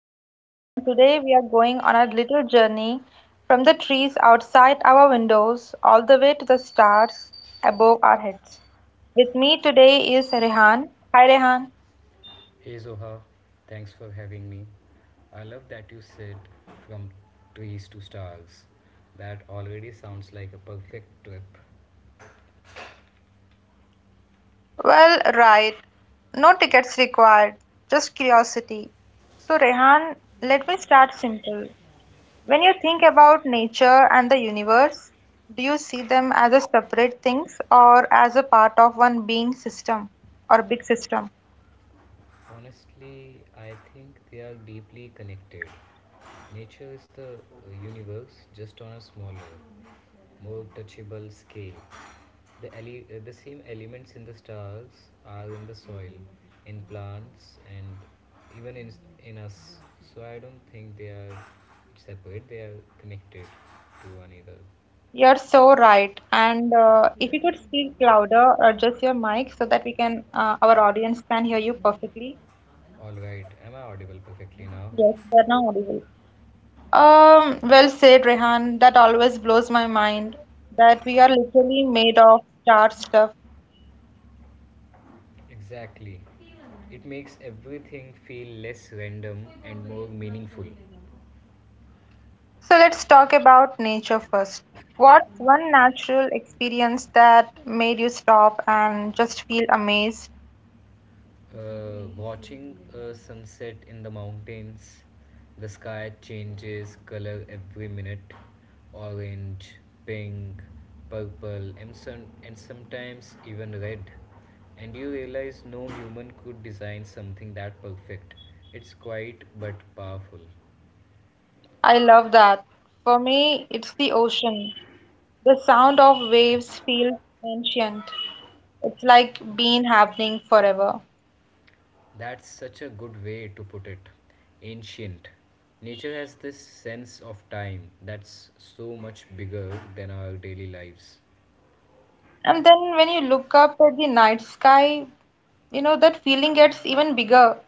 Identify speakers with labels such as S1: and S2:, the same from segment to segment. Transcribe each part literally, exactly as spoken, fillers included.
S1: Zoha, and today we are going on a little journey from the trees outside our windows all the way to the stars above our heads. With me today is Rehan. Hi, Rehan.
S2: Hey Zoha, thanks for having me. I love that you said from trees to stars. That already sounds like a perfect trip.
S1: Well, right. No tickets required, just curiosity. So, Rehan, let me start simple. When you think about nature and the universe, do you see them as a separate things or as a part of one being system or big system?
S2: Honestly, I think they are deeply connected. Nature is the uh, universe just on a smaller, more touchable scale. The, ele- uh, the same elements in the stars are in the soil, in plants, and even in, in us. So I don't think they are separate, they are connected to one another.
S1: You're so right. And uh, if you could speak louder, or adjust your mic so that we can uh, our audience can hear you perfectly.
S2: Alright, am I audible perfectly now?
S1: Yes, they're now audible. Um, well said, Rehan. That always blows my mind that we are literally made of star stuff.
S2: Exactly. It makes everything feel less random and more meaningful.
S1: So let's talk about nature first. What's one natural experience that made you stop and just feel amazed?
S2: Uh, watching a sunset in the mountains, the sky changes color every minute, orange, pink, purple, and, some, and sometimes even red. And you realize no human could design something that perfect. It's quiet but powerful.
S1: I love that. For me, it's the ocean. The sound of waves feels ancient. It's like been happening forever.
S2: That's such a good way to put it. Ancient. Nature has this sense of time that's so much bigger than our daily lives.
S1: And then when you look up at the night sky, you know, that feeling gets even bigger.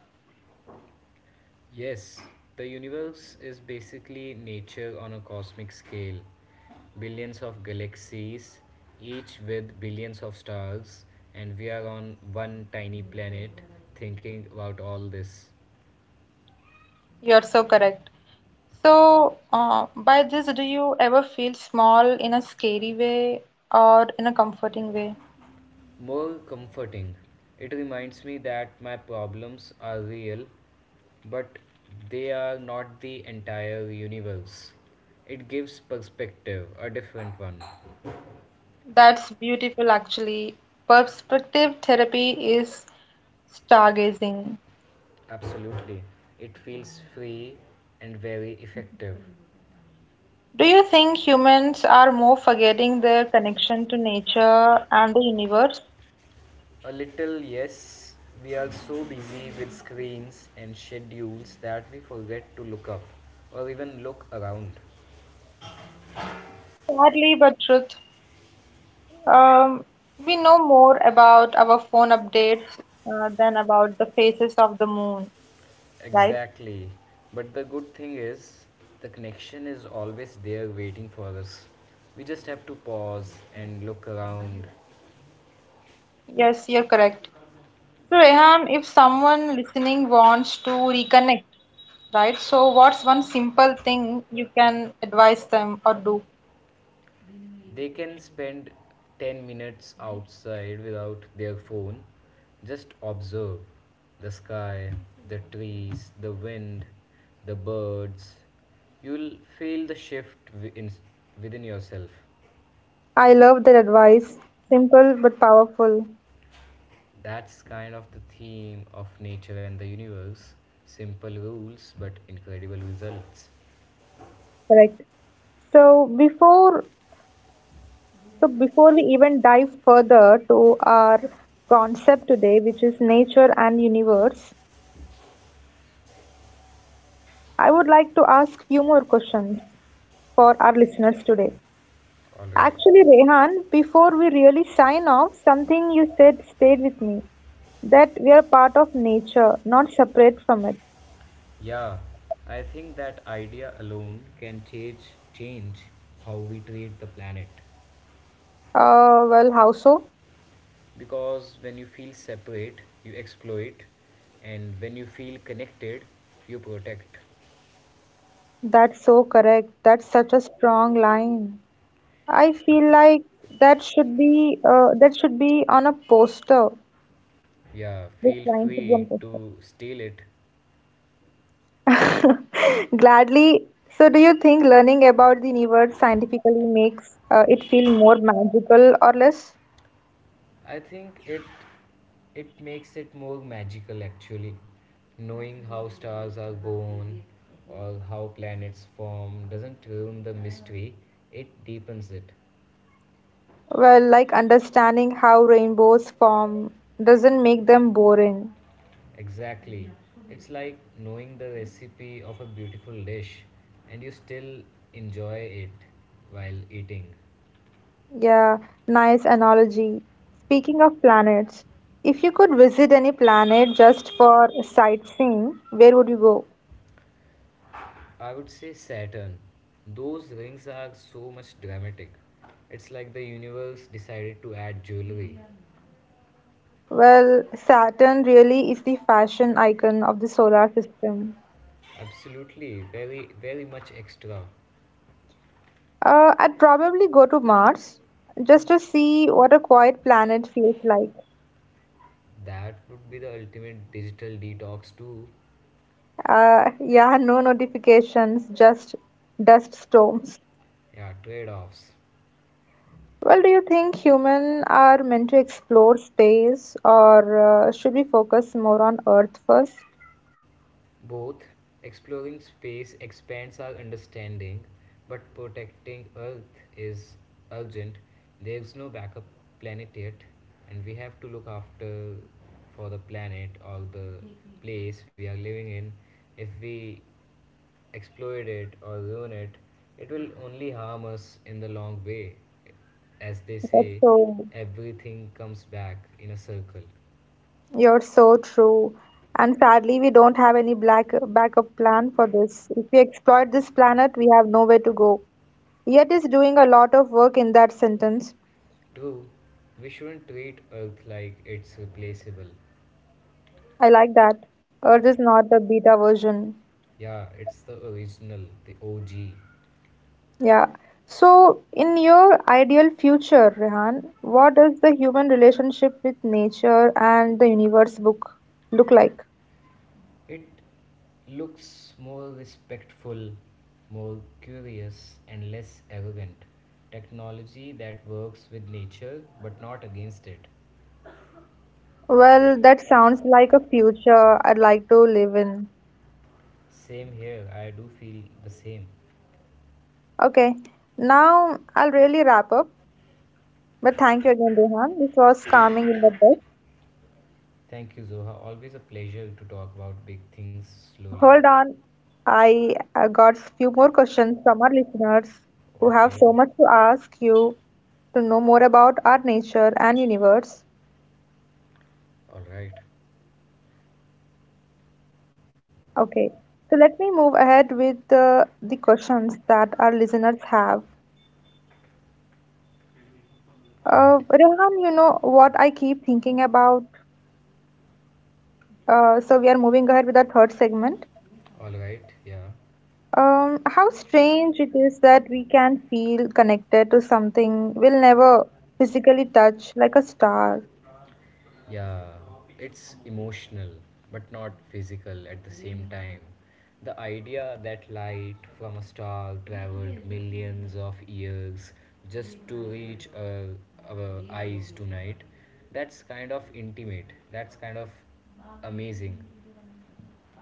S2: Yes, the universe is basically nature on a cosmic scale. Billions of galaxies, each with billions of stars, and we are on one tiny planet thinking about all this.
S1: You're so correct. So, uh, by this, do you ever feel small in a scary way or in a comforting way?
S2: More comforting, it reminds me that my problems are real, but they are not the entire universe. It gives perspective, a different one.
S1: That's beautiful, actually. Perspective therapy is stargazing.
S2: Absolutely. It feels free and very effective.
S1: Do you think humans are more forgetting their connection to nature and the universe?
S2: A little, yes, we are so busy with screens and schedules that we forget to look up or even look around.
S1: Sadly, but truth. Um, we know more about our phone updates uh, than about the phases of the moon, right?
S2: Exactly. But the good thing is, the connection is always there waiting for us. We just have to pause and look around.
S1: Yes, you're correct. So, Rehan, if someone listening wants to reconnect, right? So, what's one simple thing you can advise them or do?
S2: They can spend ten minutes outside without their phone. Just observe the sky, the trees, the wind, the birds. You'll feel the shift wi- in, within yourself.
S1: I love that advice. Simple but powerful.
S2: That's kind of the theme of nature and the universe. Simple rules, but incredible results.
S1: Correct. So before so before we even dive further to our concept today, which is nature and universe, I would like to ask few more questions for our listeners today.
S2: All right.
S1: Actually, Rehan, before we really sign off, something you said stayed with me that we are part of nature, not separate from it.
S2: Yeah, I think that idea alone can change change how we treat the planet.
S1: Uh, well, how so?
S2: Because when you feel separate you exploit, and when you feel connected you protect.
S1: That's so correct. That's such a strong line. I feel like that should be uh, that should be on a poster.
S2: Yeah,
S1: This
S2: feel
S1: line should be on
S2: free to steal it.
S1: poster. Gladly. So, do you think learning about the universe scientifically makes uh, it feel more magical or less?
S2: I think it it makes it more magical, actually. Knowing how stars are born or how planets form doesn't ruin the mystery, it deepens it.
S1: Well, like understanding how rainbows form doesn't make them boring.
S2: Exactly. It's like knowing the recipe of a beautiful dish and you still enjoy it while eating.
S1: Yeah, nice analogy. Speaking of planets, if you could visit any planet just for sightseeing, where would you go?
S2: I would say Saturn. Those rings are so much dramatic. It's like the universe decided to add jewelry.
S1: Well, Saturn really is the fashion icon of the solar system.
S2: Absolutely, very, very much extra.
S1: Uh, I'd probably go to Mars just to see what a quiet planet feels like.
S2: That would be the ultimate digital detox, too.
S1: Uh, yeah, no notifications, just dust storms.
S2: Yeah, trade offs.
S1: Well, do you think humans are meant to explore space or uh, should we focus more on Earth first?
S2: Both exploring space expands our understanding, but protecting Earth is urgent. There's no backup planet yet, and we have to look after for the planet or the place we are living in. If we exploit it or ruin it, it will only harm us in the long way. As they
S1: That's
S2: say,
S1: so—
S2: everything comes back in a circle.
S1: You're so true. And sadly, we don't have any black backup plan for this. If we exploit this planet, we have nowhere to go. Yet is doing a lot of work in that sentence.
S2: True, we shouldn't treat Earth like it's replaceable.
S1: I like that. Earth is not the beta version.
S2: Yeah, it's the original, the O G.
S1: Yeah. So, in your ideal future, Rehan, what does the human relationship with nature and the universe book look like?
S2: It looks more respectful, more curious, and less arrogant. Technology that works with nature but not against it.
S1: Well, that sounds like a future I'd like to live in.
S2: Same here, I do feel the same.
S1: Okay, now I'll really wrap up. But thank you again, Rehan. This was calming in the best.
S2: Thank you, Zoha. Always a pleasure to talk about big things slowly.
S1: Hold on, I uh, got few more questions from our listeners who have
S2: Okay,
S1: so much to ask you to know more about our nature and universe.
S2: alright,
S1: Okay, so let me move ahead with uh, the questions that our listeners have. Uh,
S2: great.
S1: Rehan, you know what I keep thinking about. Uh, so we are moving ahead with our third segment.
S2: Alright, yeah.
S1: Um, how strange it is that we can feel connected to something we'll never physically touch, like a star.
S2: Yeah, it's emotional but not physical at the same time. The idea that light from a star traveled millions of years just to reach our, our eyes tonight, that's kind of intimate, that's kind of amazing.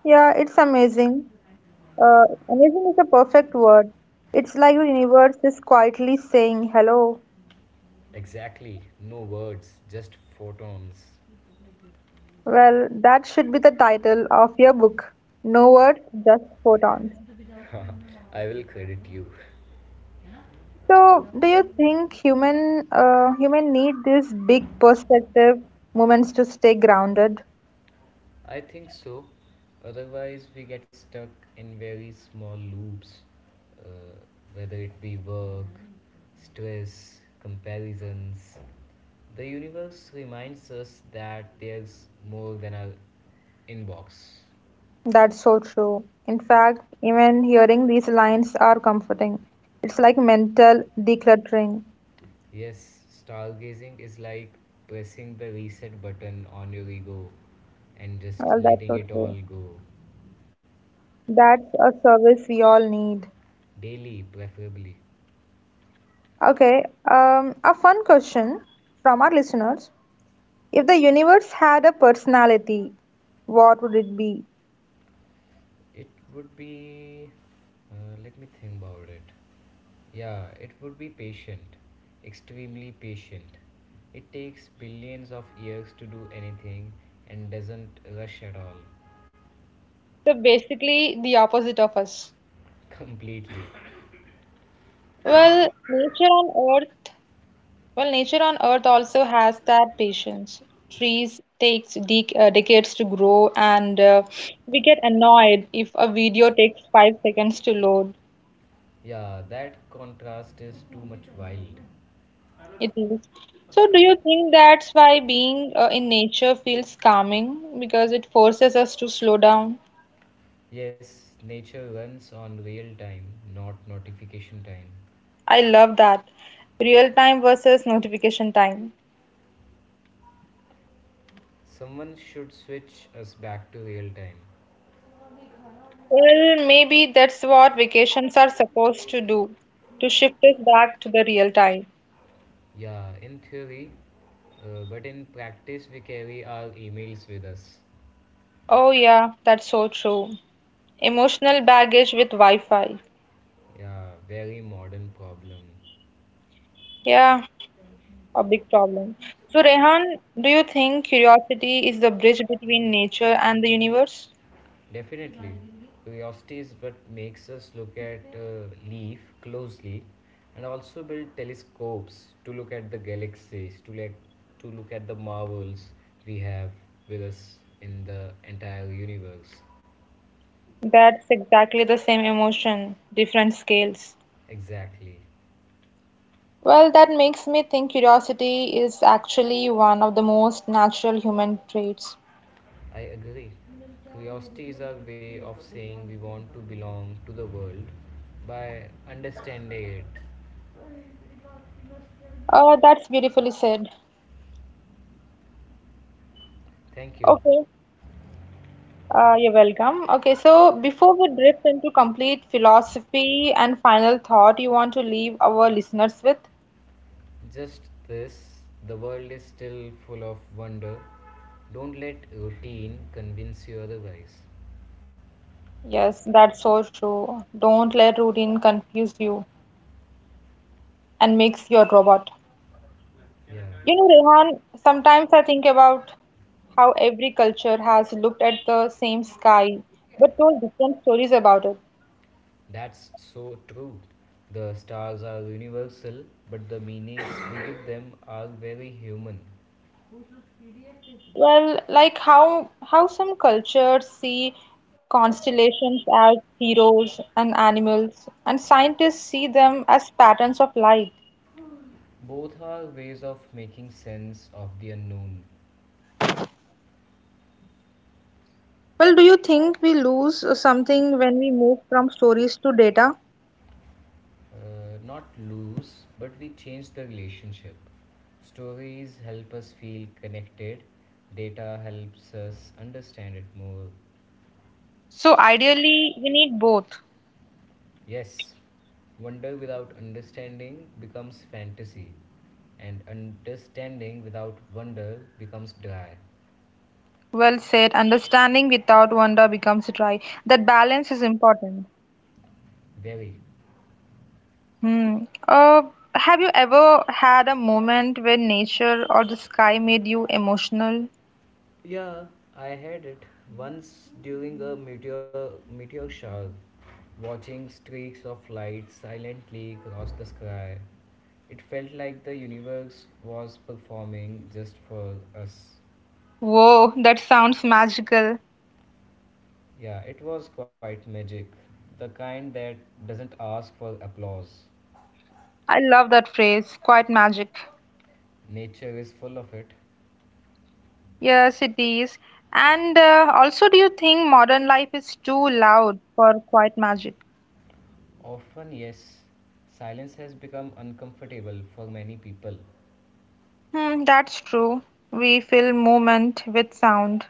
S1: Yeah, it's amazing. Uh, amazing is a perfect word. It's like the universe is quietly saying hello.
S2: Exactly, no words, just photons.
S1: Well, that should be the title of your book. No words, just photons.
S2: I will credit you.
S1: So, do you think human
S2: No,
S1: uh, human need these big perspective moments to stay grounded?
S2: I think so. Otherwise, we get stuck in very small loops, uh, whether it be work, stress, comparisons. The universe reminds us that there's more than our inbox.
S1: That's so true. In fact, even hearing these lines are comforting. It's like mental decluttering.
S2: Yes, stargazing is like pressing the reset button on your ego and just
S1: Well, that's so
S2: letting it
S1: true.
S2: all go.
S1: That's a service we all need.
S2: Daily, preferably.
S1: Okay, um, a fun question from our listeners. If the universe had a personality, what would it be?
S2: It would be. Uh, let me think about it. Yeah, it would be patient, extremely patient. It takes billions of years to do anything and doesn't rush at all.
S1: So basically, the opposite of us.
S2: Completely.
S1: Well, nature on Earth Well, nature on Earth also has that patience. Trees takes dec uh, decades to grow, and uh, we get annoyed if a video takes five seconds to load.
S2: Yeah, that contrast is too much wild.
S1: It is. So, do you think that's why being uh, in nature feels calming? Because it forces us to slow down.
S2: Yes, nature runs on real time, not notification time.
S1: I love that. Real time versus notification time.
S2: Someone should switch us back to real time.
S1: Well, maybe that's what vacations are supposed to do, to shift us back to the real time.
S2: Yeah, in theory, uh, but in practice, we carry our emails with us.
S1: Oh, yeah, that's so true. Emotional baggage with Wi-Fi.
S2: Yeah, very modern problem.
S1: Yeah, a big problem. So, Rehan, do you think curiosity is the bridge between nature and the universe?
S2: Definitely, curiosity is what makes us look at uh, leaf closely, and also build telescopes to look at the galaxies, to, like, to look at the marvels we have with us in the entire universe.
S1: That's exactly the same emotion, different scales.
S2: Exactly.
S1: Well, that makes me think curiosity is actually one of the most natural human traits.
S2: I agree. Curiosity is our way of saying we want to belong to the world by understanding it.
S1: Uh, that's beautifully said.
S2: Thank you.
S1: Okay, uh, you're welcome. Okay, so before we drift into complete philosophy and final thought, you want to leave our listeners with?
S2: Just this, the world is still full of wonder. Don't let routine convince you otherwise.
S1: Yes, that's so true. Don't let routine confuse you and makes you a robot.
S2: Yeah.
S1: You know, Rehan, sometimes I think about how every culture has looked at the same sky but told different stories about it.
S2: That's so true. The stars are universal, but the meanings we give them are very human.
S1: Well, like how how some cultures see constellations as heroes and animals, and scientists see them as patterns of light.
S2: Both are ways of making sense of the unknown.
S1: Well, do you think we lose something when we move from stories to data?
S2: Uh, not lose, but we change the relationship. Stories help us feel connected, data helps us understand it more.
S1: So ideally, we need both.
S2: Yes, wonder without understanding becomes fantasy, and understanding without wonder becomes dry.
S1: Well said. Understanding without wonder becomes dry. That balance is important.
S2: Very.
S1: Hmm. Uh, have you ever had a moment when nature or the sky made you emotional?
S2: Yeah, I had it once during a meteor meteor shower. Watching streaks of light silently cross the sky. It felt like the universe was performing just for us.
S1: Whoa, that sounds magical.
S2: Yeah, it was quite magic. The kind that doesn't ask for applause.
S1: I love that phrase. Quite magic.
S2: Nature is full of it.
S1: Yes, it is. And uh, also, do you think modern life is too loud for quiet magic?
S2: Often, yes, silence has become uncomfortable for many people.
S1: Hmm, that's true. We fill movement with sound.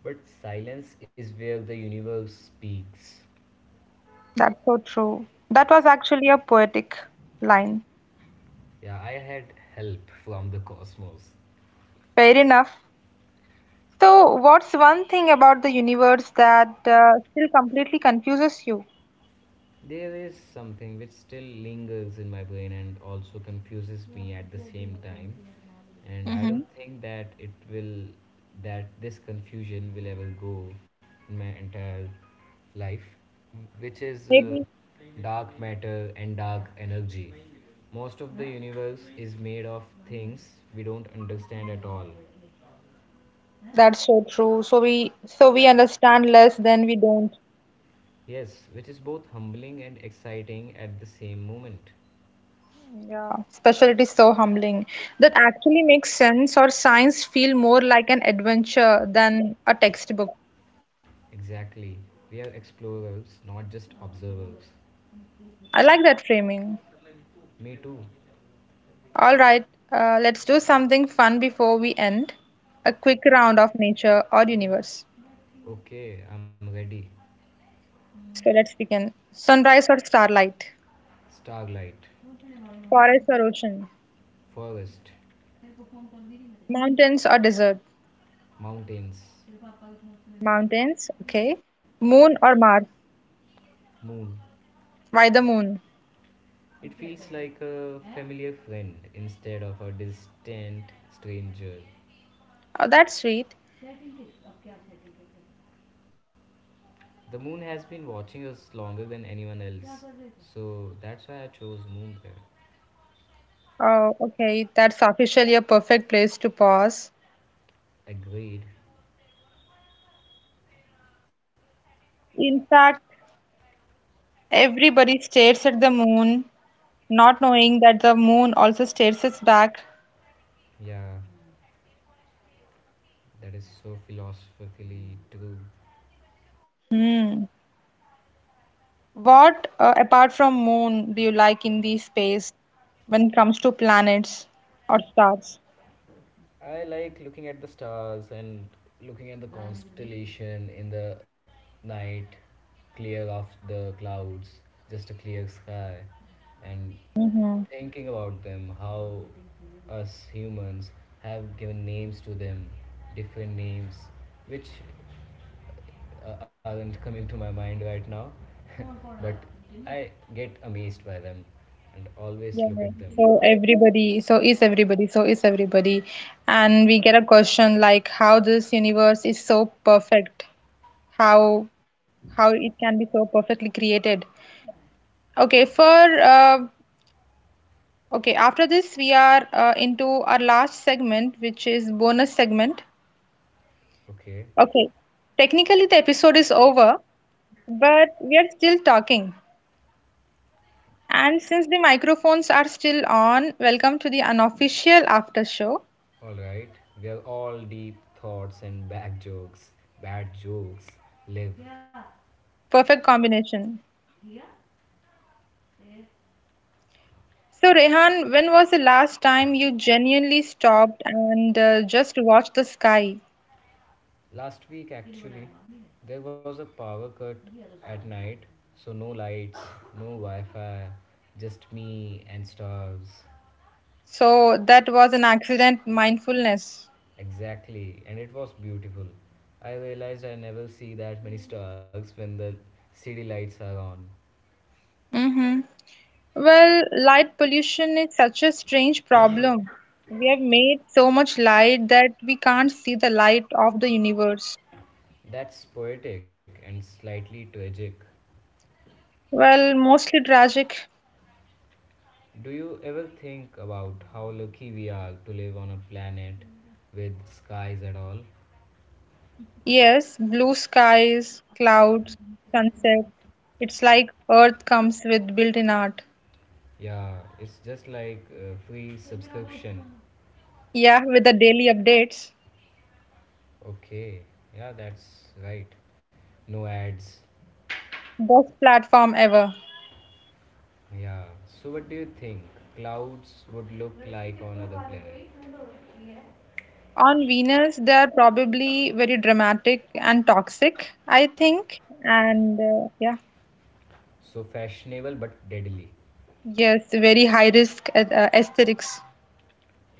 S2: But silence is where the universe speaks.
S1: That's so true. That was actually a poetic line.
S2: Yeah, I had help from the cosmos.
S1: Fair enough. So, what's one thing about the universe that uh, still completely confuses you?
S2: There is something which still lingers in my brain and also confuses me at the same time. And I
S1: Mm-hmm.
S2: don't think that it will, that this confusion will ever go in my entire life, which is uh,
S1: Maybe
S2: dark matter and dark energy. Most of the universe is made of things we don't understand at all.
S1: that's so true. So we so we understand less than we don't.
S2: Yes, which is both humbling and exciting at the same moment.
S1: Yeah, especially it is so humbling. That actually makes sense, or science feel more like an adventure than a textbook.
S2: Exactly. We are explorers, not just observers.
S1: I like that framing.
S2: Me too.
S1: All right, uh, let's do something fun before we end. A quick round of nature or universe.
S2: Okay, I'm ready.
S1: So let's begin. Sunrise or starlight?
S2: Starlight,
S1: Forest or ocean?
S2: forest,
S1: Mountains or desert?
S2: mountains,
S1: Mountains, okay. Moon or Mars?
S2: moon.
S1: Why the moon?
S2: It feels like a familiar friend instead of a distant stranger.
S1: Oh, that's sweet.
S2: The moon has been watching us longer than anyone else. So that's why I chose moon there.
S1: Oh, okay. That's officially a perfect place to pause.
S2: Agreed.
S1: In fact, everybody stares at the moon, not knowing that the moon also stares us back.
S2: Yeah, that is so philosophically true.
S1: Hmm. What, uh, apart from moon, do you like in the space when it comes to planets or stars?
S2: I like looking at the stars and looking at the constellation in the night, clear of the clouds, just a clear sky, and
S1: Mm-hmm.
S2: thinking about them, how us humans have given names to them, different names, which uh, aren't coming to my mind right now, but I get amazed by them and always
S1: Yeah.
S2: look at them.
S1: So everybody, so is everybody, so is everybody. And we get a question like how this universe is so perfect, how how it can be so perfectly created. Okay, for uh, okay, after this we are uh, into our last segment, which is bonus segment.
S2: Okay,
S1: Okay, technically the episode is over, but we are still talking. And since the microphones are still on, welcome to the unofficial after show.
S2: alright. We are all deep thoughts and bad jokes. Bad jokes live.
S1: Perfect combination. So, Rehan, when was the last time you genuinely stopped and uh, just watched the sky?
S2: Last week, actually, there was a power cut at night, so no lights, no Wi Fi, just me and stars.
S1: So, that was an accident mindfulness.
S2: Exactly, and it was beautiful. I realized I never see that many stars when the city lights are on.
S1: Mm-hmm. Well, light pollution is such a strange problem. We have made so much light that we can't see the light of the universe.
S2: That's poetic and slightly tragic.
S1: Well, mostly tragic.
S2: Do you ever think about how lucky we are to live on a planet with skies at all?
S1: Yes, blue skies, clouds, sunsets. It's like Earth comes with built-in art.
S2: Yeah, it's just like a free subscription.
S1: Yeah, with the daily updates.
S2: Okay, yeah, that's right. No ads.
S1: Best platform ever.
S2: Yeah. So, what do you think clouds would look like on other planet?
S1: On Venus, they are probably very dramatic and toxic, I think. And uh, yeah,
S2: So fashionable but deadly.
S1: yes, very high risk uh, uh, aesthetics.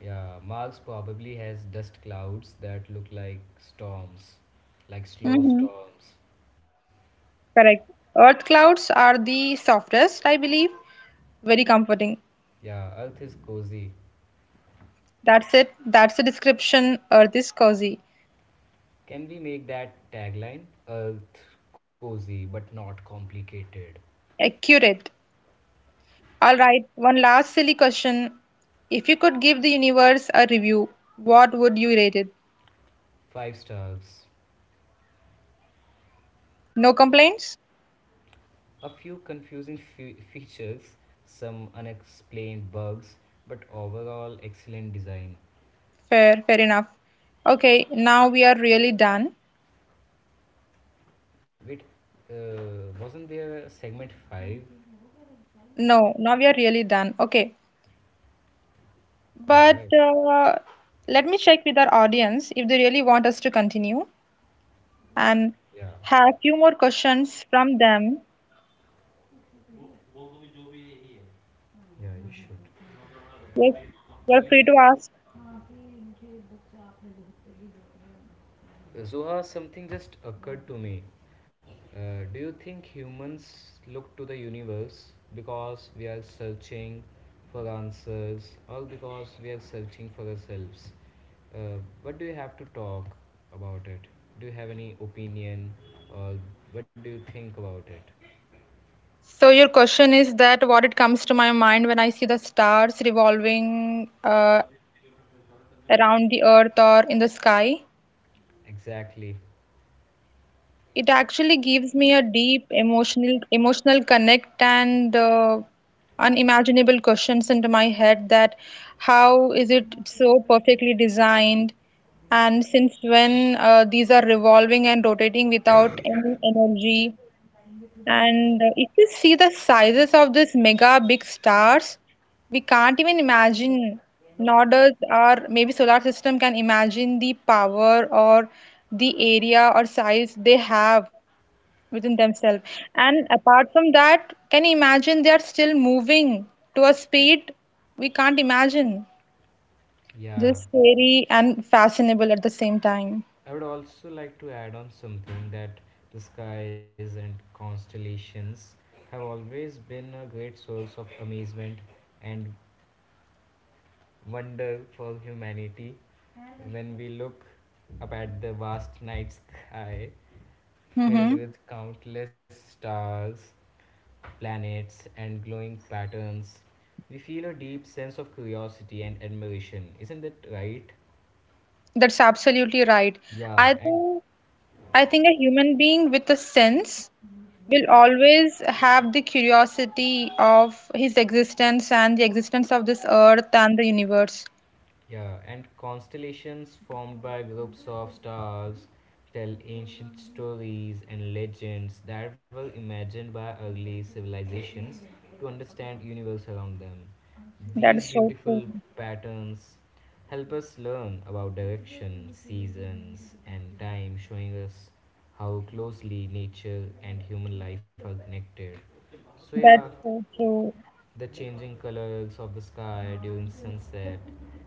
S2: Yeah, Mars probably has dust clouds that look like storms, like slow
S1: Mm-hmm.
S2: storms.
S1: Correct. Earth clouds are the softest, I believe. Very comforting.
S2: Yeah, Earth is cozy.
S1: That's it. That's the description. Earth is cozy.
S2: Can we make that tagline? Earth, cozy but not complicated.
S1: Accurate. All right, one last silly question. If you could give the universe a review, what would you rate it?
S2: Five stars.
S1: No complaints?
S2: A few confusing fe- features, some unexplained bugs, but overall excellent design.
S1: Fair, fair enough. Okay, now we are really done.
S2: Wait, uh, wasn't there a segment five?
S1: No, now we are really done. Okay, but
S2: Alright,
S1: uh, let me check with our audience if they really want us to continue and
S2: yeah,
S1: have a few more questions from them.
S2: वो वो भी जो भी यही है, yeah, you should.
S1: Yes, you're
S2: normal
S1: free
S2: लेकिन.
S1: to ask.
S2: Zoha, something just occurred to me. Uh, do you think humans look to the universe because we are searching for answers or because we are searching for ourselves? Uh, what do you have to talk about it? Do you have any opinion or what do you think about it?
S1: So your question is that what it comes to my mind when I see the stars revolving uh, around the earth or in the sky.
S2: Exactly.
S1: It actually gives me a deep emotional emotional connect and uh, unimaginable questions into my head that how is it so perfectly designed and since when uh, these are revolving and rotating without any energy. And uh, if you see the sizes of these mega big stars, we can't even imagine, nor does our maybe solar system can imagine the power or the area or size they have within themselves. And apart from that, can you imagine they are still moving to a speed we can't imagine?
S2: Yeah,
S1: This scary and fashionable at the same time.
S2: I would also like to add on something, that the skies and constellations have always been a great source of amazement and wonder for humanity. When we look up at the vast night sky filled
S1: Mm-hmm.
S2: with countless stars, planets, and glowing patterns, we feel a deep sense of curiosity and admiration. Isn't that right?
S1: That's absolutely right. I
S2: Yeah, and
S1: think I think a human being with a sense will always have the curiosity of his existence and the existence of this earth and the universe.
S2: yeah, and constellations formed by groups of stars tell ancient stories and legends that were imagined by early civilizations to understand universe around them. These
S1: That's so true.
S2: beautiful patterns help us learn about direction, seasons, and time, showing us how closely nature and human life are connected. So yeah,
S1: That's so true.
S2: the changing colors of the sky during sunset,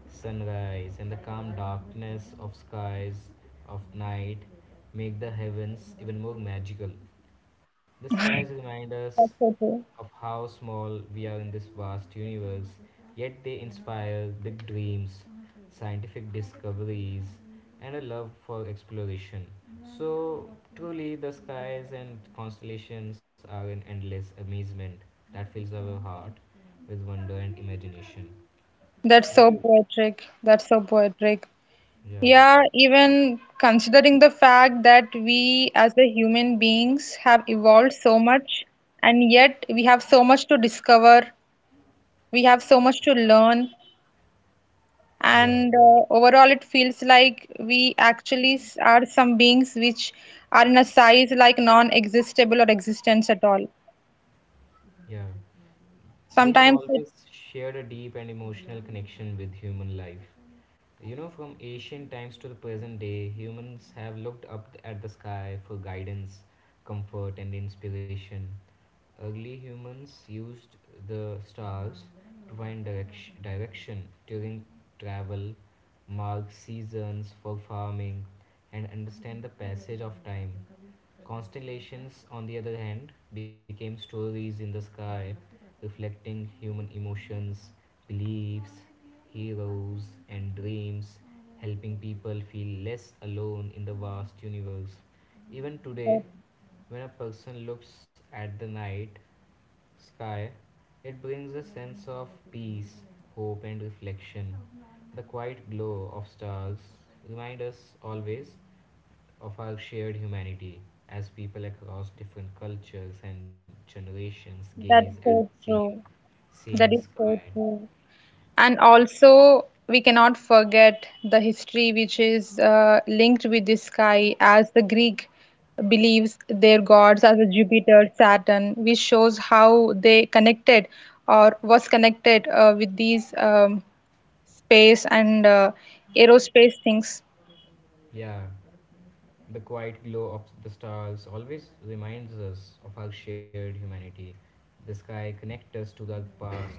S2: sunrise, and the calm darkness of skies of night make the heavens even more magical. The skies remind us
S1: That's so true.
S2: of how small we are in this vast universe, yet they inspire big dreams, scientific discoveries, and a love for exploration. So, truly, the skies and constellations are an endless amazement that fills our heart with wonder and imagination. What
S1: That's
S2: do
S1: so poetic. That's so poetic.
S2: yeah,
S1: Yeah, even considering the fact that we as the human beings have evolved so much, and yet we have so much to discover, we have so much to learn,
S2: yeah,
S1: and uh, overall it feels like we actually s- are some beings which are in a size like non-existable or existence at all
S2: yeah. They have
S1: sometimes it,
S2: always shared a deep and emotional connection with human life. You know, from ancient times to the present day, humans have looked up at the sky for guidance, comfort, and inspiration. Early humans used the stars to find direction, direction during travel, mark seasons for farming, and understand the passage of time. Constellations, on the other hand, became stories in the sky reflecting human emotions, beliefs, heroes, and dreams, helping people feel less alone in the vast universe. Even today,
S1: that-
S2: when a person looks at the night sky, it brings a sense of peace, hope, and reflection. The quiet glow of stars remind us always of our shared humanity as people across different cultures and generations gaze at
S1: that's so
S2: the same
S1: true.
S2: same
S1: That is
S2: sky.
S1: so true. And also we cannot forget the history which is uh, linked with the sky as the Greek believes their gods as a Jupiter Saturn which shows how they connected or was connected uh, with these um, space and uh, aerospace things.
S2: Yeah, the quiet glow of the stars always reminds us of our shared humanity. The sky connects us to the past,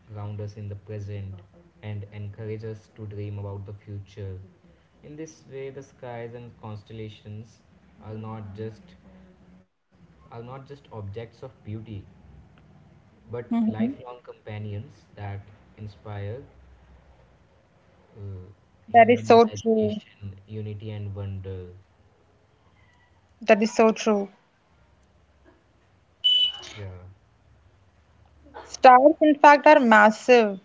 S2: ground us in the present, and encourages us to dream about the future. In this way, the skies and constellations are not just are not just objects of beauty, but
S1: Mhm.
S2: lifelong companions that inspire uh,
S1: That is
S2: human
S1: so true.
S2: imagination, unity, and wonder.
S1: That is so true.
S2: Yeah.
S1: Stars, in fact, are massive,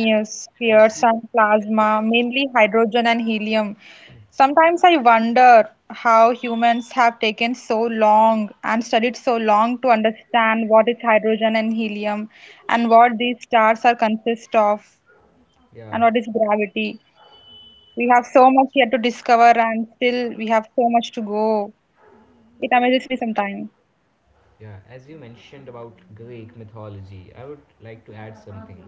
S2: And, and as
S1: spheres
S2: you
S1: and
S2: as you
S1: plasma,
S2: mentioned,
S1: mainly hydrogen and helium. Sometimes I wonder how humans have taken so long and studied so long to understand what is hydrogen and helium and what these stars are consist of
S2: yeah,
S1: and what is gravity. We have so much yet to discover and still we have so much to go. It amazes me sometimes.
S2: yeah, as you mentioned about Greek mythology, I would like to add something.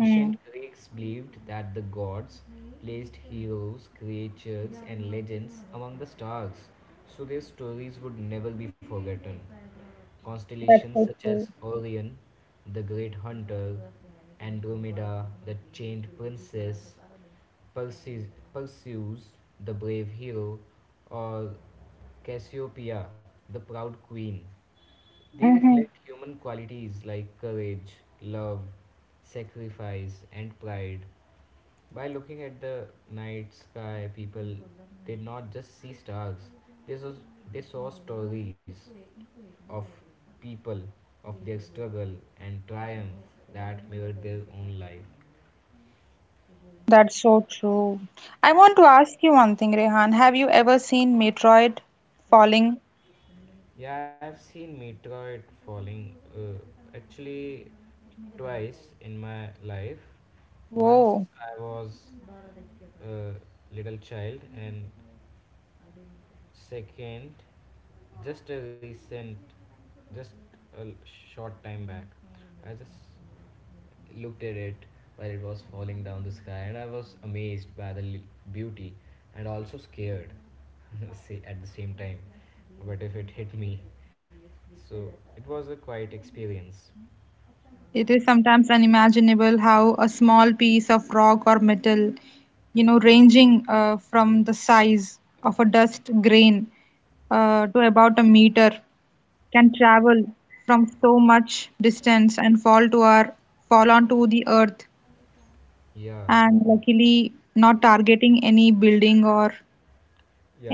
S1: Mm,
S2: Greeks believed that the gods placed heroes, creatures, and legends among the stars, so their stories would never be forgotten.
S1: that's
S2: Constellations
S1: so
S2: such as
S1: true.
S2: Orion, the Great Hunter, Andromeda, the Chained Princess, Perseus, Perseus, the brave hero, or Cassiopeia, the proud queen. They
S1: Hmm.
S2: reflect human qualities like courage, love, sacrifice, and pride. By looking at the night sky, people did not just see stars, they saw, they saw stories of people, of their struggle and triumph that mirrored their own life.
S1: That's so true. I want to ask you one thing, Rehan. Have you ever seen meteorite falling?
S2: Yeah, I've seen meteorite falling uh, actually twice in my life. Once
S1: Whoa.
S2: I was uh, little child, and second, just a recent just a short time back, I just looked at it while it was falling down the sky, and I was amazed by the beauty and also scared, say at the same time, what if it hit me, so it was a quiet experience.
S1: It is sometimes unimaginable how a small piece of rock or metal, you know, ranging uh, from the size of a dust grain uh, to about a meter, can travel from so much distance and fall to our fall onto the earth
S2: Yeah,
S1: and luckily not targeting any building or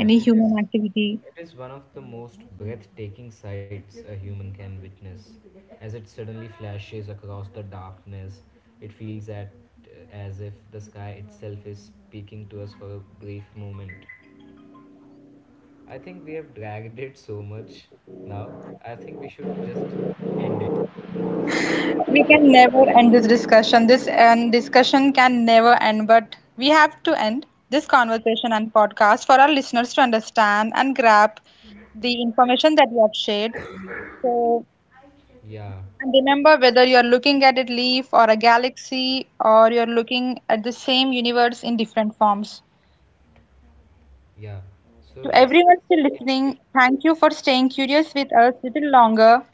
S1: any
S2: it is.
S1: human activity.
S2: It is one of the most breathtaking sights a human can witness. As it suddenly flashes across the darkness, it feels at, as if the sky itself is speaking to us for a brief moment. I think we have dragged it so much now. I think we should just end it. Uh, What do you think
S1: We
S2: about
S1: can
S2: it?
S1: never end this discussion. This and discussion can never end, but we have to end this conversation and podcast for our listeners to understand and grab the information that we have shared. So,
S2: Yeah,
S1: and remember whether you're looking at a leaf or a galaxy or you're looking at the same universe in different forms.
S2: yeah. So
S1: To
S2: let's
S1: everyone
S2: just
S1: still
S2: end it.
S1: listening, thank you for staying curious with us a little longer.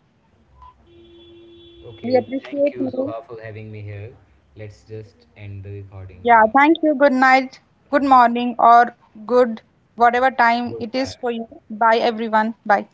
S1: We
S2: Okay, thank
S1: appreciate
S2: you,
S1: you.
S2: Zoha, for having me here. Let's just end the recording
S1: Yeah,
S2: now.
S1: thank you. Good night, good morning, or good whatever time it
S2: Goodbye.
S1: is for you. Bye, everyone. Bye.